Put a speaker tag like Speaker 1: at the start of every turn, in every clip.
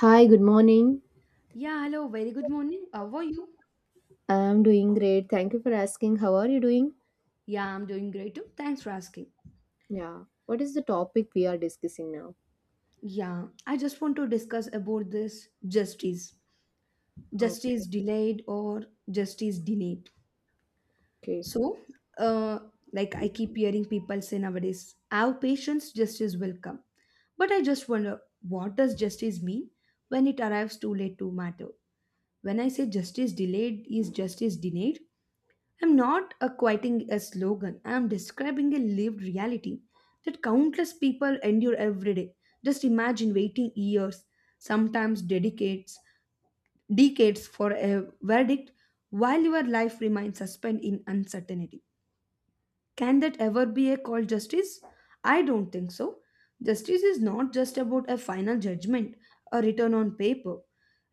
Speaker 1: Hi, good morning.
Speaker 2: Yeah, hello, very good morning. How are you?
Speaker 1: I'm doing great. Thank you for asking. How are you doing?
Speaker 2: Yeah, I'm doing great too. Thanks for asking.
Speaker 1: Yeah. What is the topic we are discussing now?
Speaker 2: Yeah, I just want to discuss about this justice.
Speaker 1: Okay.
Speaker 2: Justice delayed or justice denied.
Speaker 1: Okay.
Speaker 2: So, uh, like I keep hearing people say nowadays, have patience, justice will come. But I just wonder, what does justice mean when it arrives too late to matter? When I say justice delayed is justice denied, I'm not a quoting a slogan, I'm describing a lived reality that countless people endure every day. Just imagine waiting years, sometimes decades, decades for a verdict while your life remains suspended in uncertainty. Can that ever be a called justice? I don't think so. Justice is not just about a final judgment, a return on paper.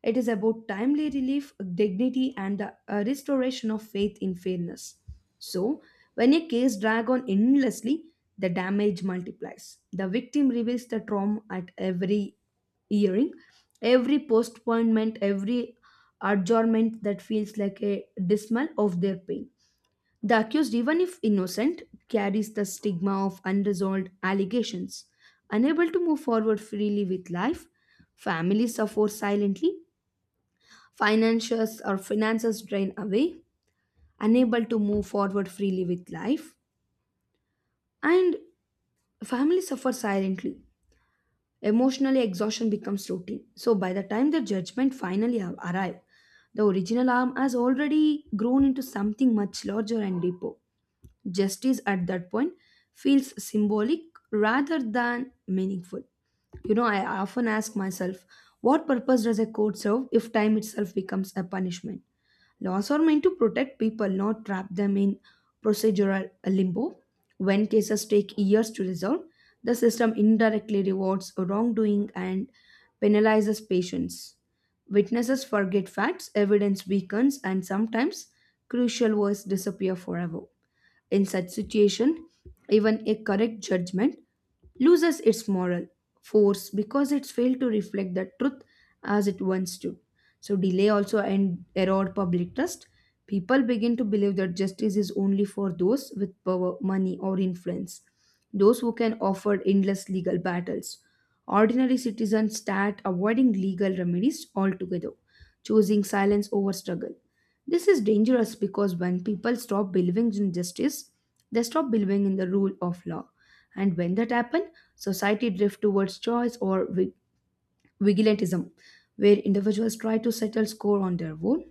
Speaker 2: It is about timely relief, dignity, and the restoration of faith in fairness. So, when a case drags on endlessly, the damage multiplies. The victim reveals the trauma at every hearing, every postponement, every adjournment that feels like a dismal of their pain. The accused, even if innocent, carries the stigma of unresolved allegations. Unable to move forward freely with life, family suffers silently, Financiers or finances drain away, unable to move forward freely with life, and family suffer silently. Emotionally, exhaustion becomes routine. So by the time the judgment finally arrive, the original harm has already grown into something much larger and deeper. Justice at that point feels symbolic rather than meaningful. You know, I often ask myself, what purpose does a court serve if time itself becomes a punishment? Laws are meant to protect people, not trap them in procedural limbo. When cases take years to resolve, the system indirectly rewards wrongdoing and penalizes patients. Witnesses forget facts, evidence weakens, and sometimes crucial words disappear forever. In such situation, even a correct judgment loses its moral force because it's failed to reflect the truth as it once did. So delay also and erode public trust. People begin to believe that justice is only for those with power, money, or influence, those who can offer endless legal battles. Ordinary citizens start avoiding legal remedies altogether, choosing silence over struggle. This is dangerous because when people stop believing in justice, they stop believing in the rule of law. And when that happens, society drifts towards choice or vigilantism, where individuals try to settle score on their own.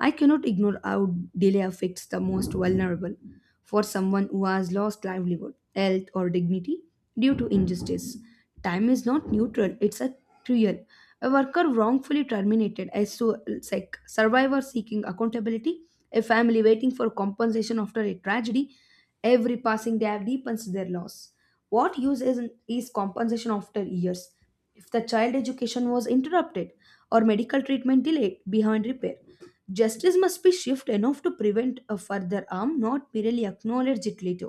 Speaker 2: I cannot ignore how delay affects the most vulnerable for someone who has lost livelihood, health, or dignity due to injustice. Time is not neutral, it's a trial. A worker wrongfully terminated, a like survivor seeking accountability, a family waiting for compensation after a tragedy. Every passing day have deepens their loss. What use is compensation after years? If the child education was interrupted or medical treatment delayed behind repair, justice must be swift enough to prevent a further harm, not merely acknowledge it later.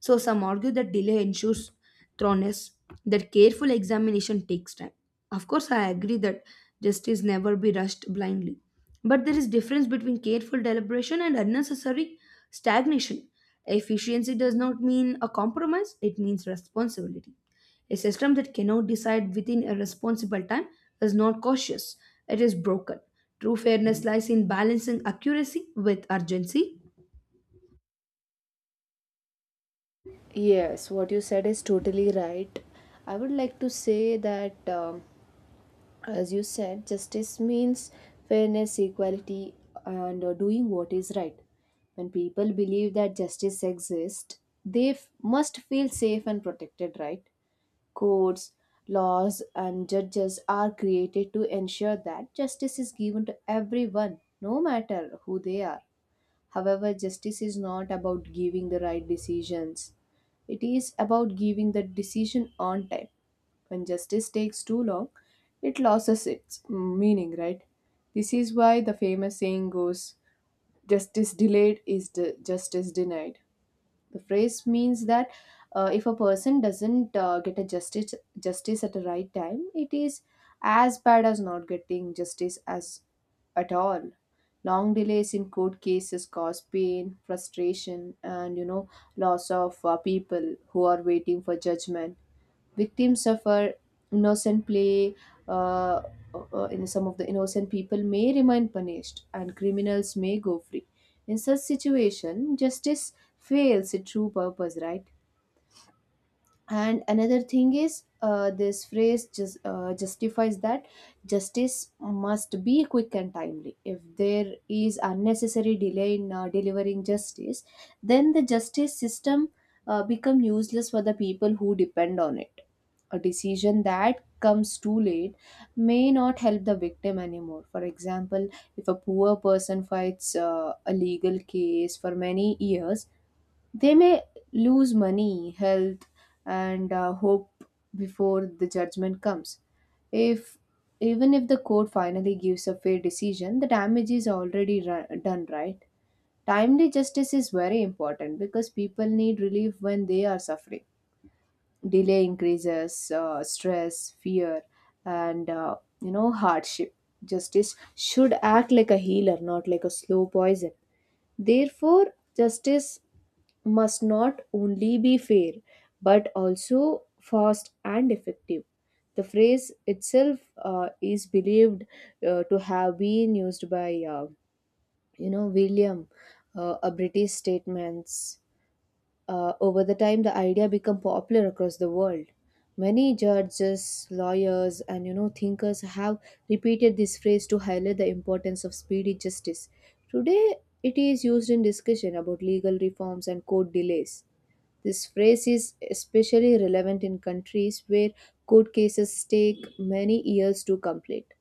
Speaker 2: So some argue that delay ensures thoroughness, that careful examination takes time. Of course, I agree that justice never be rushed blindly. But there is difference between careful deliberation and unnecessary stagnation. Efficiency does not mean a compromise, it means responsibility. A system that cannot decide within a responsible time is not cautious, it is broken. True fairness lies in balancing accuracy with urgency.
Speaker 1: Yes, what you said is totally right. I would like to say that, as you said, justice means fairness, equality, and doing what is right. When people believe that justice exists, must feel safe and protected, right? Courts, laws, and judges are created to ensure that justice is given to everyone, no matter who they are. However, justice is not about giving the right decisions. It is about giving the decision on time. When justice takes too long, it loses its meaning, right? This is why the famous saying goes justice delayed is the justice denied. The phrase means that if a person doesn't get a justice at the right time, it is as bad as not getting justice as at all. Long delays in court cases cause pain, frustration, and loss of people who are waiting for judgment. Victims suffer, innocent play uh, in some of the innocent people may remain punished and criminals may go free. In such situation, justice fails its true purpose, right? And another thing is, this phrase justifies that justice must be quick and timely. If there is unnecessary delay in delivering justice, then the justice system become useless for the people who depend on it. A decision that comes too late may not help the victim anymore. For example, if a poor person fights a legal case for many years, they may lose money, health, and hope before the judgment comes. If Even if the court finally gives a fair decision, the damage is already done, right? Timely justice is very important because people need relief when they are suffering. Delay increases stress, fear, and hardship. Justice should act like a healer, not like a slow poison. Therefore, justice must not only be fair but also fast and effective. The phrase itself is believed to have been used by William, a British statesman's. Over the time, the idea became popular across the world. Many judges, lawyers, and thinkers have repeated this phrase to highlight the importance of speedy justice. Today, it is used in discussion about legal reforms and court delays. This phrase is especially relevant in countries where court cases take many years to complete.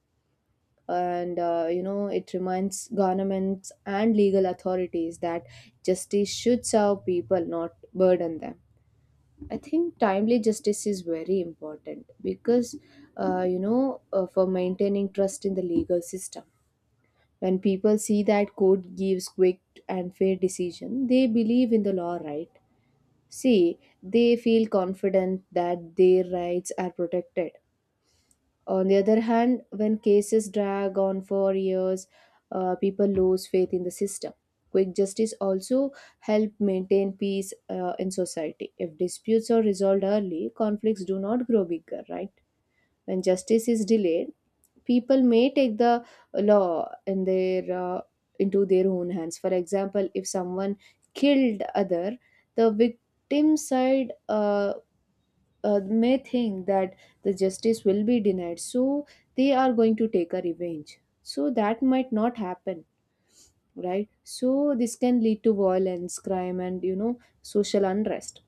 Speaker 1: And it reminds governments and legal authorities that justice should serve people, not burden them. I think timely justice is very important because, for maintaining trust in the legal system. When people see that court gives quick and fair decision, they believe in the law, right? See, they feel confident that their rights are protected. On the other hand, when cases drag on for years, people lose faith in the system. Quick justice also help maintain peace in society. If disputes are resolved early, conflicts do not grow bigger, right? When justice is delayed, people may take the law in their into their own hands. For example, if someone killed other, the victim side may think that the justice will be denied, so they are going to take a revenge, so that might not happen, right? So this can lead to violence, crime, and social unrest.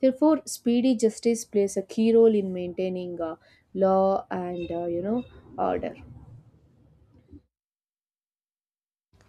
Speaker 1: Therefore, speedy justice plays a key role in maintaining law and order.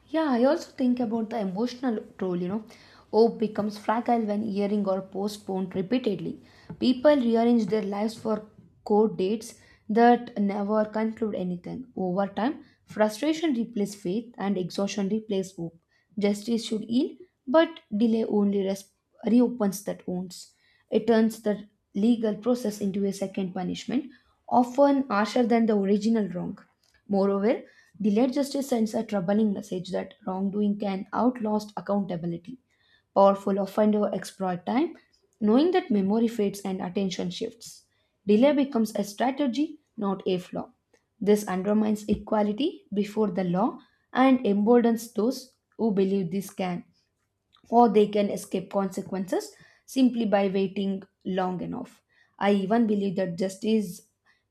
Speaker 2: Yeah, I also think about the emotional toll, you know. Hope becomes fragile when hearing or postponed repeatedly. People rearrange their lives for court dates that never conclude anything. Over time, frustration replaces faith and exhaustion replaces hope. Justice should heal, but delay only reopens that wounds. It turns the legal process into a second punishment, often harsher than the original wrong. Moreover, delayed justice sends a troubling message that wrongdoing can outlast accountability. Powerful offender exploit time, knowing that memory fades and attention shifts. Delay becomes a strategy, not a flaw. This undermines equality before the law and emboldens those who believe this can or they can escape consequences simply by waiting long enough. I even believe that justice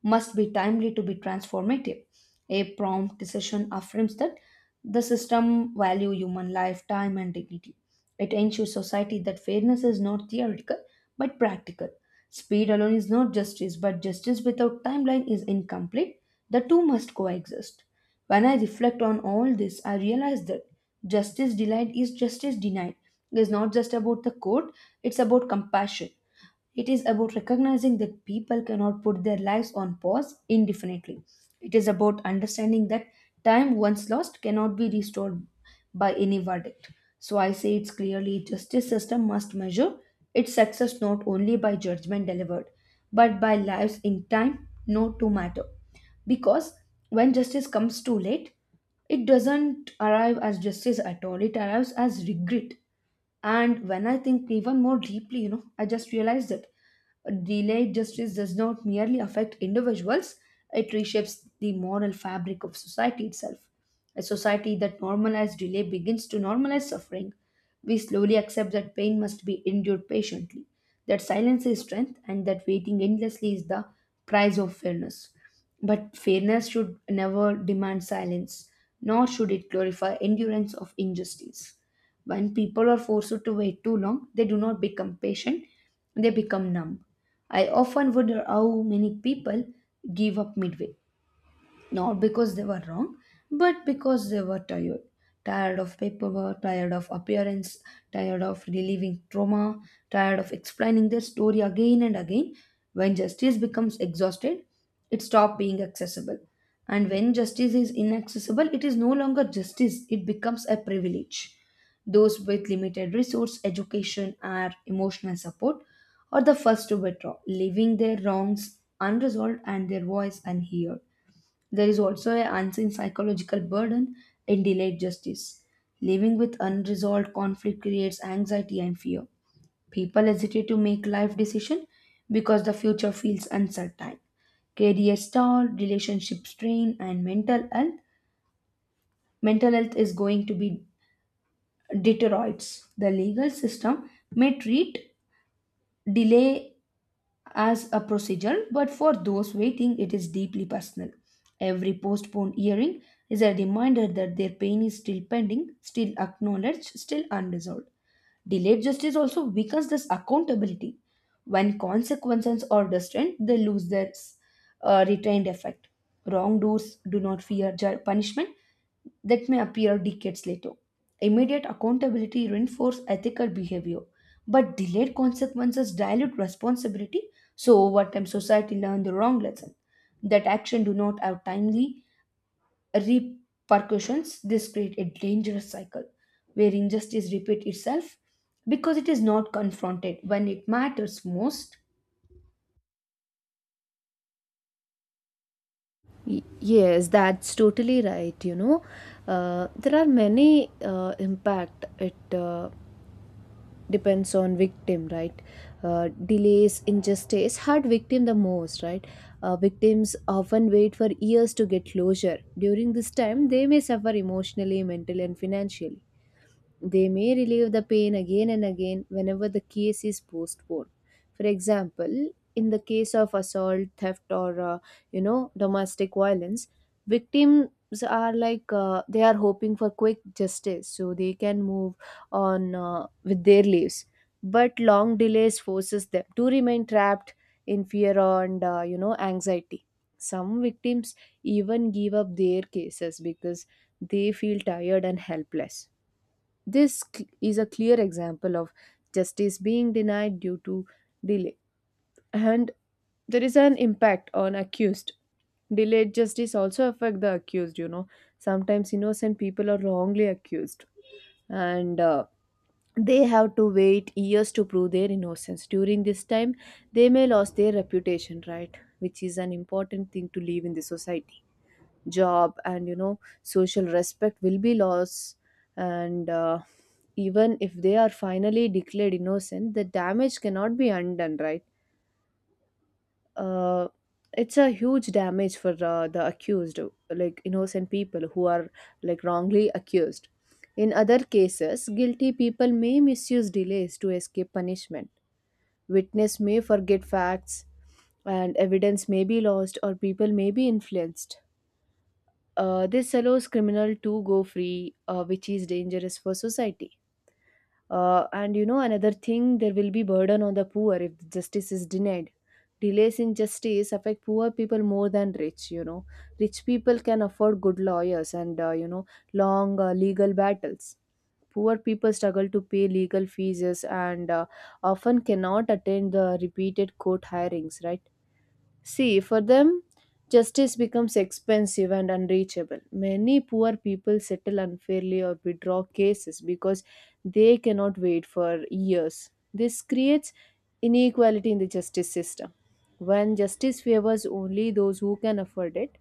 Speaker 2: must be timely to be transformative. A prompt decision affirms that the system value human life, time, and dignity. It ensures society that fairness is not theoretical but practical. Speed alone is not justice, but justice without timeline is incomplete. The two must coexist. When I reflect on all this, I realize that justice delayed is justice denied. It is not just about the court, it's about compassion. It is about recognizing that people cannot put their lives on pause indefinitely. It is about understanding that time once lost cannot be restored by any verdict. So I say it's clearly justice system must measure its success not only by judgment delivered, but by lives in time not to matter. Because when justice comes too late, it doesn't arrive as justice at all, it arrives as regret. And when I think even more deeply, you know, I just realized that delayed justice does not merely affect individuals, it reshapes the moral fabric of society itself. A society that normalizes delay begins to normalize suffering. We slowly accept that pain must be endured patiently, that silence is strength, and that waiting endlessly is the price of fairness. But fairness should never demand silence, nor should it glorify endurance of injustice. When people are forced to wait too long, they do not become patient, they become numb. I often wonder how many people give up midway not because they were wrong, but because they were tired. Tired of paperwork, tired of appearance, tired of relieving trauma, tired of explaining their story again and again. When justice becomes exhausted, it stops being accessible. And when justice is inaccessible, it is no longer justice, it becomes a privilege. Those with limited resource, education, or emotional support are the first to withdraw, leaving their wrongs unresolved and their voice unheard. There is also an unseen psychological burden in delayed justice. Living with unresolved conflict creates anxiety and fear. People hesitate to make life decisions because the future feels uncertain. Career stall, relationship strain, and mental health. Mental health is going to be deteriorates. The legal system may treat delay as a procedure, but for those waiting, it is deeply personal. Every postponed hearing is a reminder that their pain is still pending, still acknowledged, still unresolved. Delayed justice also weakens this accountability. When consequences are distant, they lose their retained effect. Wrongdoers do not fear punishment that may appear decades later. Immediate accountability reinforces ethical behavior, but delayed consequences dilute responsibility. So over time, society learns the wrong lesson that action do not have timely repercussions. This creates a dangerous cycle where injustice repeats itself because it is not confronted when it matters most.
Speaker 1: Yes, that's totally right, you know. There are many impact. It depends on victim, right? Delays in justice hurt victim the most, right? Victims often wait for years to get closure. During this time, they may suffer emotionally, mentally, and financially. They may relieve the pain again and again whenever the case is postponed. For example, in the case of assault, theft, or domestic violence, victims are they are hoping for quick justice, so they can move on with their lives. But long delays forces them to remain trapped in fear and anxiety. Some victims even give up their cases because they feel tired and helpless. This is a clear example of justice being denied due to delay. And there is an impact on accused. Delayed justice also affect the accused, you know. Sometimes innocent people are wrongly accused, and they have to wait years to prove their innocence. During this time, they may lose their reputation, right? Which is an important thing to live in the society. Job and social respect will be lost, and even if they are finally declared innocent, the damage cannot be undone, right? Uh, it's a huge damage for the accused, like innocent people who are like wrongly accused. In other cases, guilty people may misuse delays to escape punishment. Witness may forget facts, and evidence may be lost, or people may be influenced. This allows criminal to go free, which is dangerous for society. Another thing, there will be burden on the poor if justice is denied. Delays in justice affect poor people more than rich. You know, rich people can afford good lawyers and long legal battles. Poor people struggle to pay legal fees and often cannot attend the repeated court hearings, right? See, for them, justice becomes expensive and unreachable. Many poor people settle unfairly or withdraw cases because they cannot wait for years. This creates inequality in the justice system. When justice favors only those who can afford it,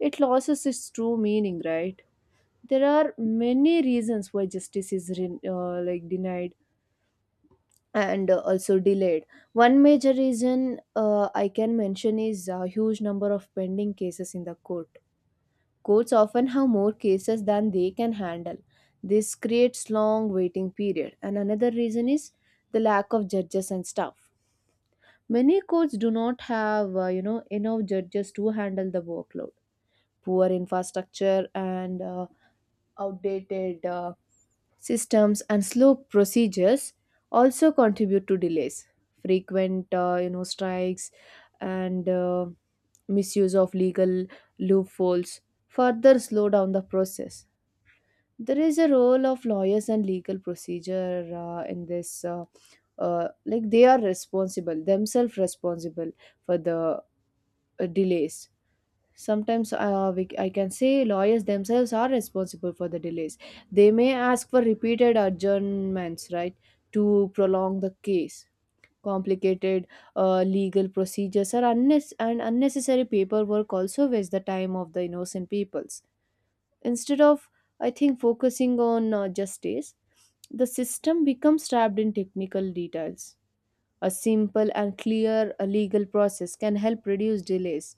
Speaker 1: it loses its true meaning, right? There are many reasons why like denied and also delayed. One major reason I can mention is a huge number of pending cases in the court. Courts often have more cases than they can handle. This creates long waiting period. And another reason is the lack of judges and staff. Many courts do not have enough judges to handle the workload. Poor infrastructure and outdated systems and slow procedures also contribute to delays. Frequent strikes and misuse of legal loopholes further slow down the process. There is a role of lawyers and legal procedure in this like they are responsible, themselves responsible for the delays. Sometimes I can say lawyers themselves are responsible for the delays. They may ask for repeated adjournments, right, to prolong the case. Complicated legal procedures and unnecessary paperwork also waste the time of the innocent peoples. Instead of, I think, focusing on justice, the system becomes trapped in technical details. A simple and clear legal process can help reduce delays.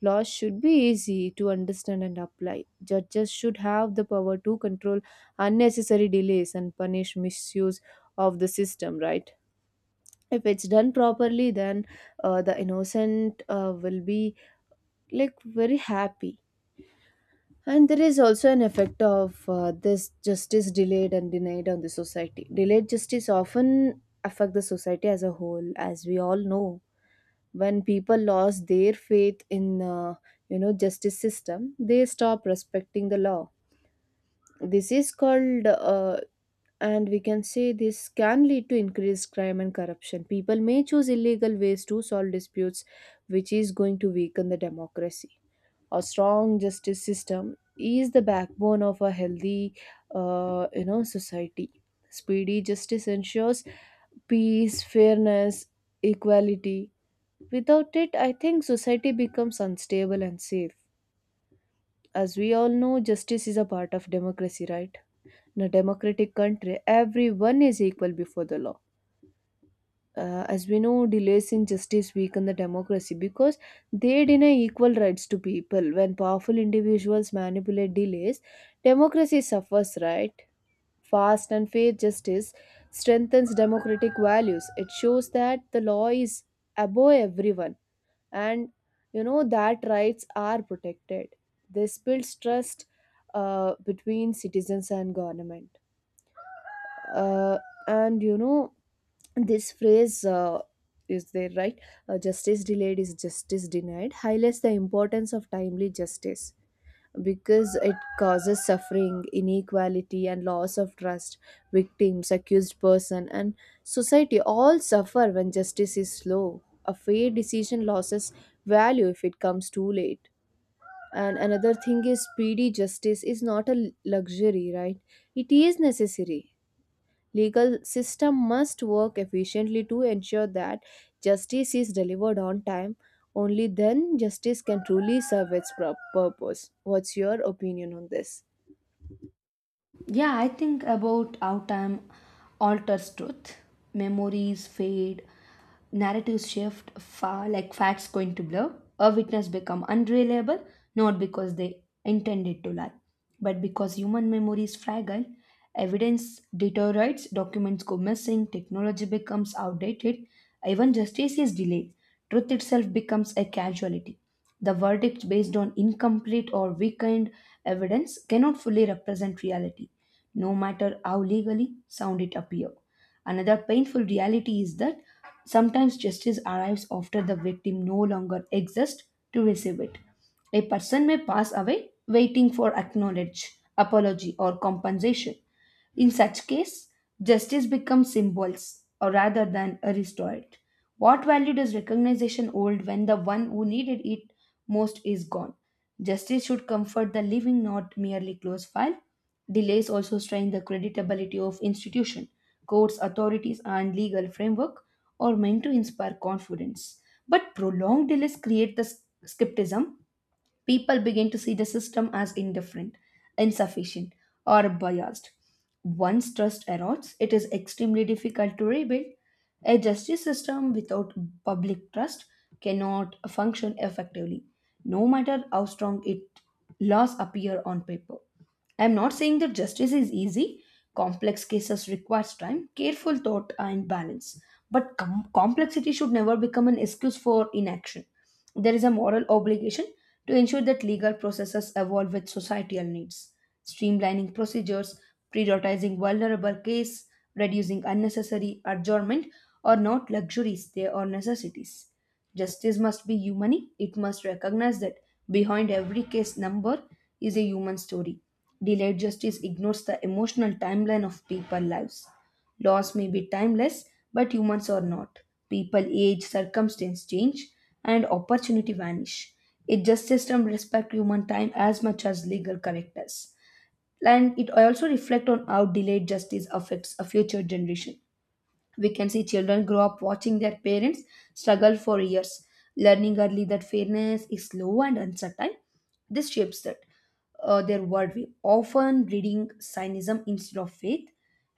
Speaker 1: Laws should be easy to understand and apply. Judges should have the power to control unnecessary delays and punish misuse of the system, right? If it's done properly, then the innocent will be like very happy. And there is also an effect of this justice delayed and denied on the society. Delayed justice often affect the society as a whole, as we all know. When people lost their faith in justice system, they stop respecting the law. This is called and we can say this can lead to increased crime and corruption. People may choose illegal ways to solve disputes, which is going to weaken the democracy. A strong justice system is the backbone of a healthy society. Speedy justice ensures peace, fairness, equality. Without it, I think society becomes unstable and safe. As we all know, justice is a part of democracy, right? In a democratic country, everyone is equal before the law. As we know, delays in justice weaken the democracy because they deny equal rights to people. When powerful individuals manipulate delays, democracy suffers, right? Fast and fair justice strengthens democratic values. It shows that the law is above everyone, and that rights are protected. This builds trust between citizens and government. Uh, and you know this phrase is there, right? Justice delayed is justice denied highlights the importance of timely justice because it causes suffering, inequality, and loss of trust. Victims, accused person, and society all suffer when justice is slow. A fair decision loses value if it comes too late. And another thing is, speedy justice is not a luxury, right? It is necessary. Legal system must work efficiently to ensure that justice is delivered on time. Only then justice can truly serve its purpose. What's your opinion on this?
Speaker 2: Yeah, I think about how time alters truth. Memories fade, narratives shift, far like facts going to blur. A witness become unreliable, not because they intended to lie, but because human memory is fragile. Evidence deteriorates, documents go missing, technology becomes outdated, even justice is delayed. Truth itself becomes a casualty. The verdict based on incomplete or weakened evidence cannot fully represent reality, no matter how legally sound it appear. Another painful reality is that sometimes justice arrives after the victim no longer exists to receive it. A person may pass away waiting for acknowledge, apology, or compensation in such case, justice becomes symbols or rather than a restored. What value does recognition hold when the one who needed it most is gone? Justice should comfort the living, not merely close file. Delays also strain the creditability of institution, courts, authorities, and legal framework are meant to inspire confidence. But prolonged delays create the skepticism. People begin to see the system as indifferent, insufficient, or biased. Once trust erodes, it is extremely difficult to rebuild. A justice system without public trust cannot function effectively, no matter how strong its laws appear on paper. I am not saying that justice is easy. Complex cases requires time, careful thought, and balance. But complexity should never become an excuse for inaction. There is a moral obligation to ensure that legal processes evolve with societal needs, streamlining procedures, prioritizing vulnerable cases, reducing unnecessary adjournment are not luxuries, they are necessities. Justice must be humane, it must recognize that behind every case number is a human story. Delayed justice ignores the emotional timeline of people's lives. Laws may be timeless, but humans are not. People age, circumstance change, and opportunity vanish. A just system respects human time as much as legal correctness. And it also reflects on how delayed justice affects a future generation. We can see children grow up watching their parents struggle for years, learning early that fairness is slow and uncertain. This shapes that their worldview, often breeding cynicism instead of faith.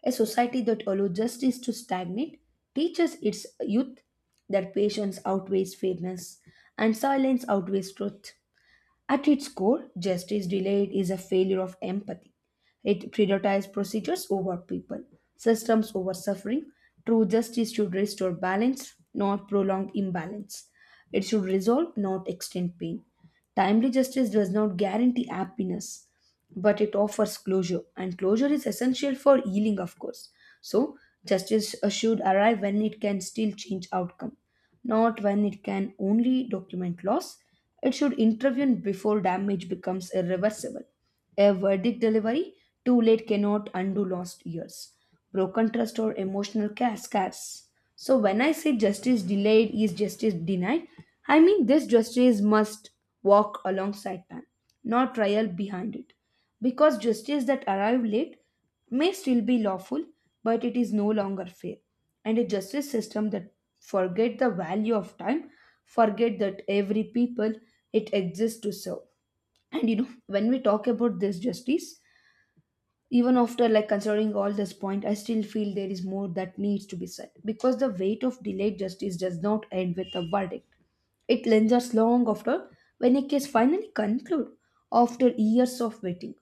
Speaker 2: A society that allows justice to stagnate teaches its youth that patience outweighs fairness and silence outweighs truth. At its core, justice delayed is a failure of empathy. It prioritizes procedures over people, systems over suffering. True justice should restore balance, not prolong imbalance. It should resolve, not extend pain. Timely justice does not guarantee happiness, but it offers closure, and closure is essential for healing, of course. So, justice should arrive when it can still change outcome, not when it can only document loss. It should intervene before damage becomes irreversible. A verdict delivery too late cannot undo lost years, broken trust, or emotional scars. So, when I say justice delayed is justice denied, I mean this justice must walk alongside time, not trial behind it, because justice that arrive late may still be lawful, but it is no longer fair, and a justice system that forget the value of time forget that every people it exists to serve. And when we talk about this justice, even after considering all this point, I still feel there is more that needs to be said, because the weight of delayed justice does not end with a verdict. It lingers long after. When a case finally concludes after years of waiting,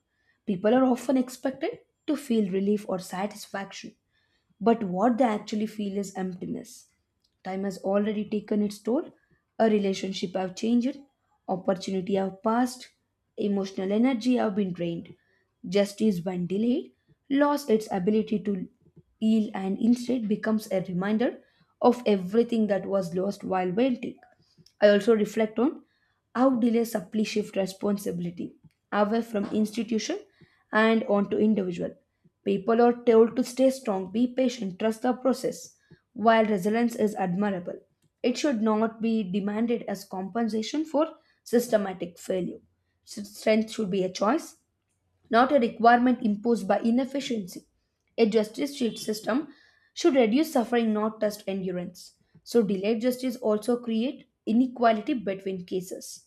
Speaker 2: people are often expected to feel relief or satisfaction, but what they actually feel is emptiness. Time has already taken its toll. A relationship have changed, opportunity have passed, emotional energy have been drained. Justice, when delayed, lost its ability to heal, and instead becomes a reminder of everything that was lost while waiting. I also reflect on how delay subtly shift responsibility away from institution and onto individual. People are told to stay strong, be patient, trust the process. While resilience is admirable, it should not be demanded as compensation for systematic failure. Strength should be a choice, not a requirement imposed by inefficiency. A justice sheet system should reduce suffering, not test endurance. So, delayed justice also create inequality between cases.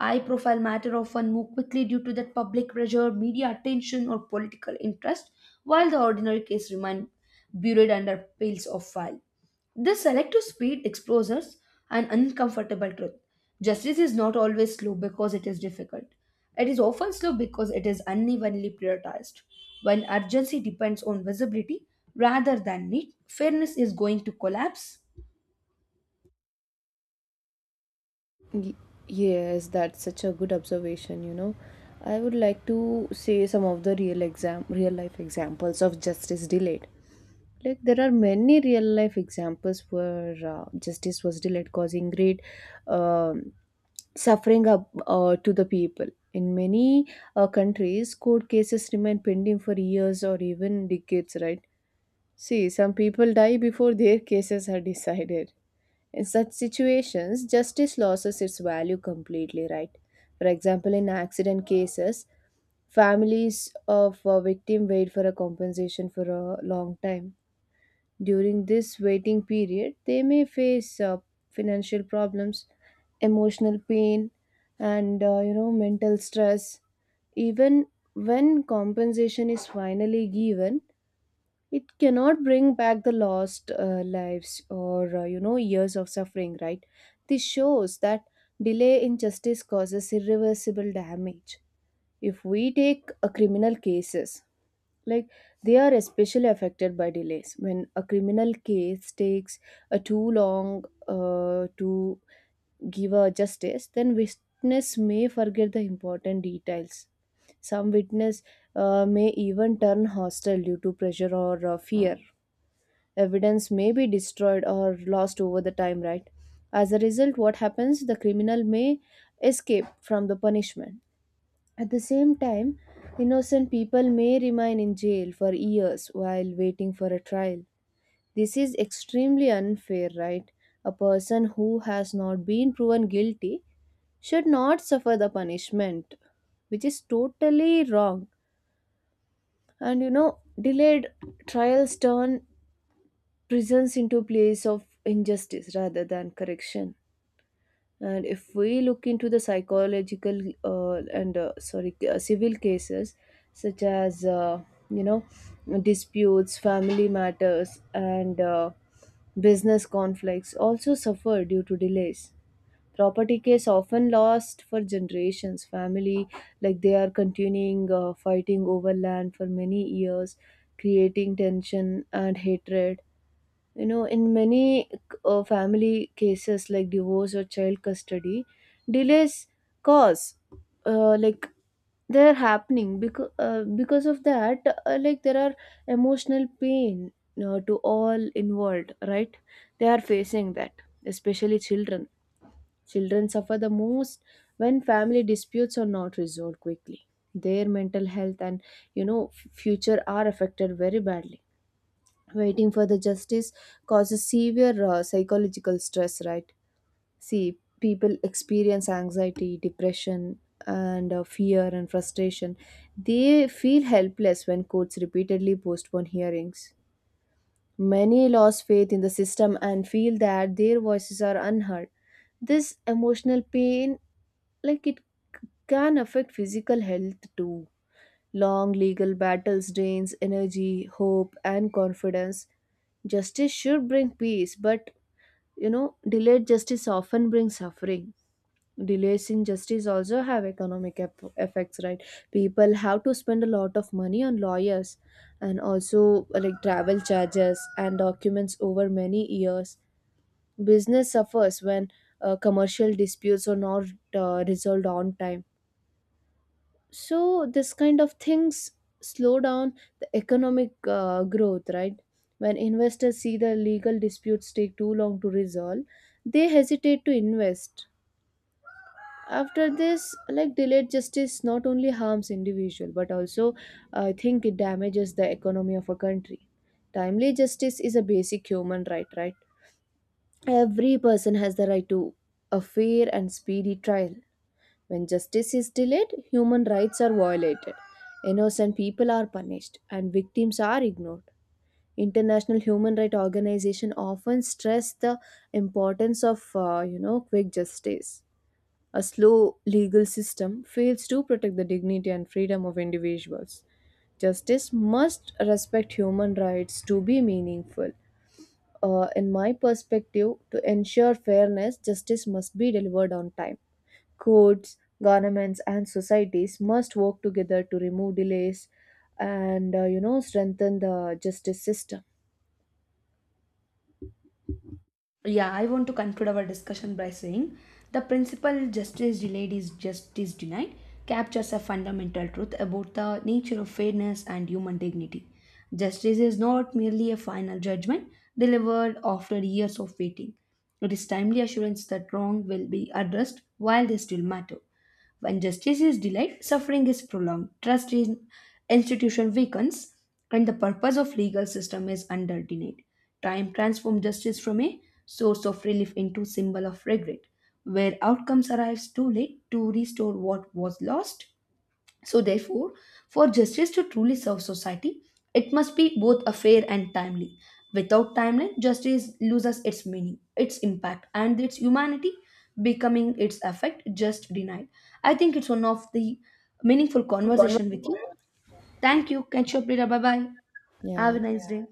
Speaker 2: High profile matter often move quickly due to that public pressure, media attention, or political interest, while the ordinary case remain buried under piles of file. This selective speed exposes an uncomfortable truth. Justice is not always slow because it is difficult. It is often slow because it is unevenly prioritized. When urgency depends on visibility rather than need, fairness is going to collapse.
Speaker 1: Y- yes, that's such a good observation, you know. I would like to say some of the real life examples of justice delayed. Like there are many real life examples where justice was delayed, causing great um suffering up, to the people. In many countries, court cases remain pending for years or even decades, right? See, some people die before their cases are decided. In such situations, justice loses its value completely, right? For example, in accident cases, families of a victim wait for a compensation for a long time. During this waiting period, they may face financial problems, emotional pain, and mental stress. Even when compensation is finally given, it cannot bring back the lost lives or years of suffering, right? This shows that delay in justice causes irreversible damage. If we take a criminal cases, like they are especially affected by delays. When a criminal case takes a too long to give a justice, then witness may forget the important details. Some witness may even turn hostile due to pressure or fear. Evidence may be destroyed or lost over the time, right? As a result, what happens, the criminal may escape from the punishment. At the same time, innocent people may remain in jail for years while waiting for a trial. This is extremely unfair, right? A person who has not been proven guilty should not suffer the punishment, which is totally wrong. And you know, delayed trials turn prisons into place of injustice rather than correction. And if we look into the psychological and sorry, civil cases, such as you know disputes, family matters, and business conflicts also suffer due to delays. Property case often lost for generations, family, like they are continuing fighting over land for many years, creating tension and hatred. You know, in many family cases like divorce or child custody, delays cause uh, like they're happening because of that. There are emotional pain to all involved, right? They are facing that, especially children. Children suffer the most when family disputes are not resolved quickly. Their mental health and, you know, future are affected very badly. Waiting for the justice causes severe psychological stress, right? See, people experience anxiety, depression, and fear and frustration. They feel helpless when courts repeatedly postpone hearings. Many lose faith in the system and feel that their voices are unheard. This emotional pain, like, it can affect physical health too. Long legal battles drains energy, hope, and confidence. Justice should bring peace, but you know, delayed justice often brings suffering. Delays in justice also have effects, right? People have to spend a lot of money on lawyers and also travel charges and documents over many years. Business suffers when commercial disputes are not resolved on time. So this kind of things slow down the economic growth, right? When investors see the legal disputes take too long to resolve, they hesitate to invest. After this, like, delayed justice not only harms individual, but also I think it damages the economy of a country. Timely justice is a basic human right, right? Every person has the right to a fair and speedy trial. When justice is delayed, human rights are violated, innocent people are punished, and victims are ignored. International human rights organizations often stress the importance of quick justice. A slow legal system fails to protect the dignity and freedom of individuals. Justice must respect human rights to be meaningful. In my perspective, to ensure fairness, justice must be delivered on time. Courts, governments, and societies must work together to remove delays and strengthen the justice system.
Speaker 2: Yeah, I want to conclude our discussion by saying the principle justice delayed is justice denied captures a fundamental truth about the nature of fairness and human dignity. Justice is not merely a final judgment delivered after years of waiting. It is timely assurance that wrong will be addressed while they still matter. When justice is delayed, suffering is prolonged, trust in institution weakens, and the purpose of legal system is undermined. Time transforms justice from a source of relief into symbol of regret, where outcomes arrives too late to restore what was lost. So, therefore, for justice to truly serve society, it must be both a fair and timely. Without timeline, justice loses its meaning, its impact, and its humanity, becoming its effect just denied. I think it's one of the meaningful conversation with you. Thank you. Catch you up later. Bye bye. Have
Speaker 1: Yeah,
Speaker 2: a nice day.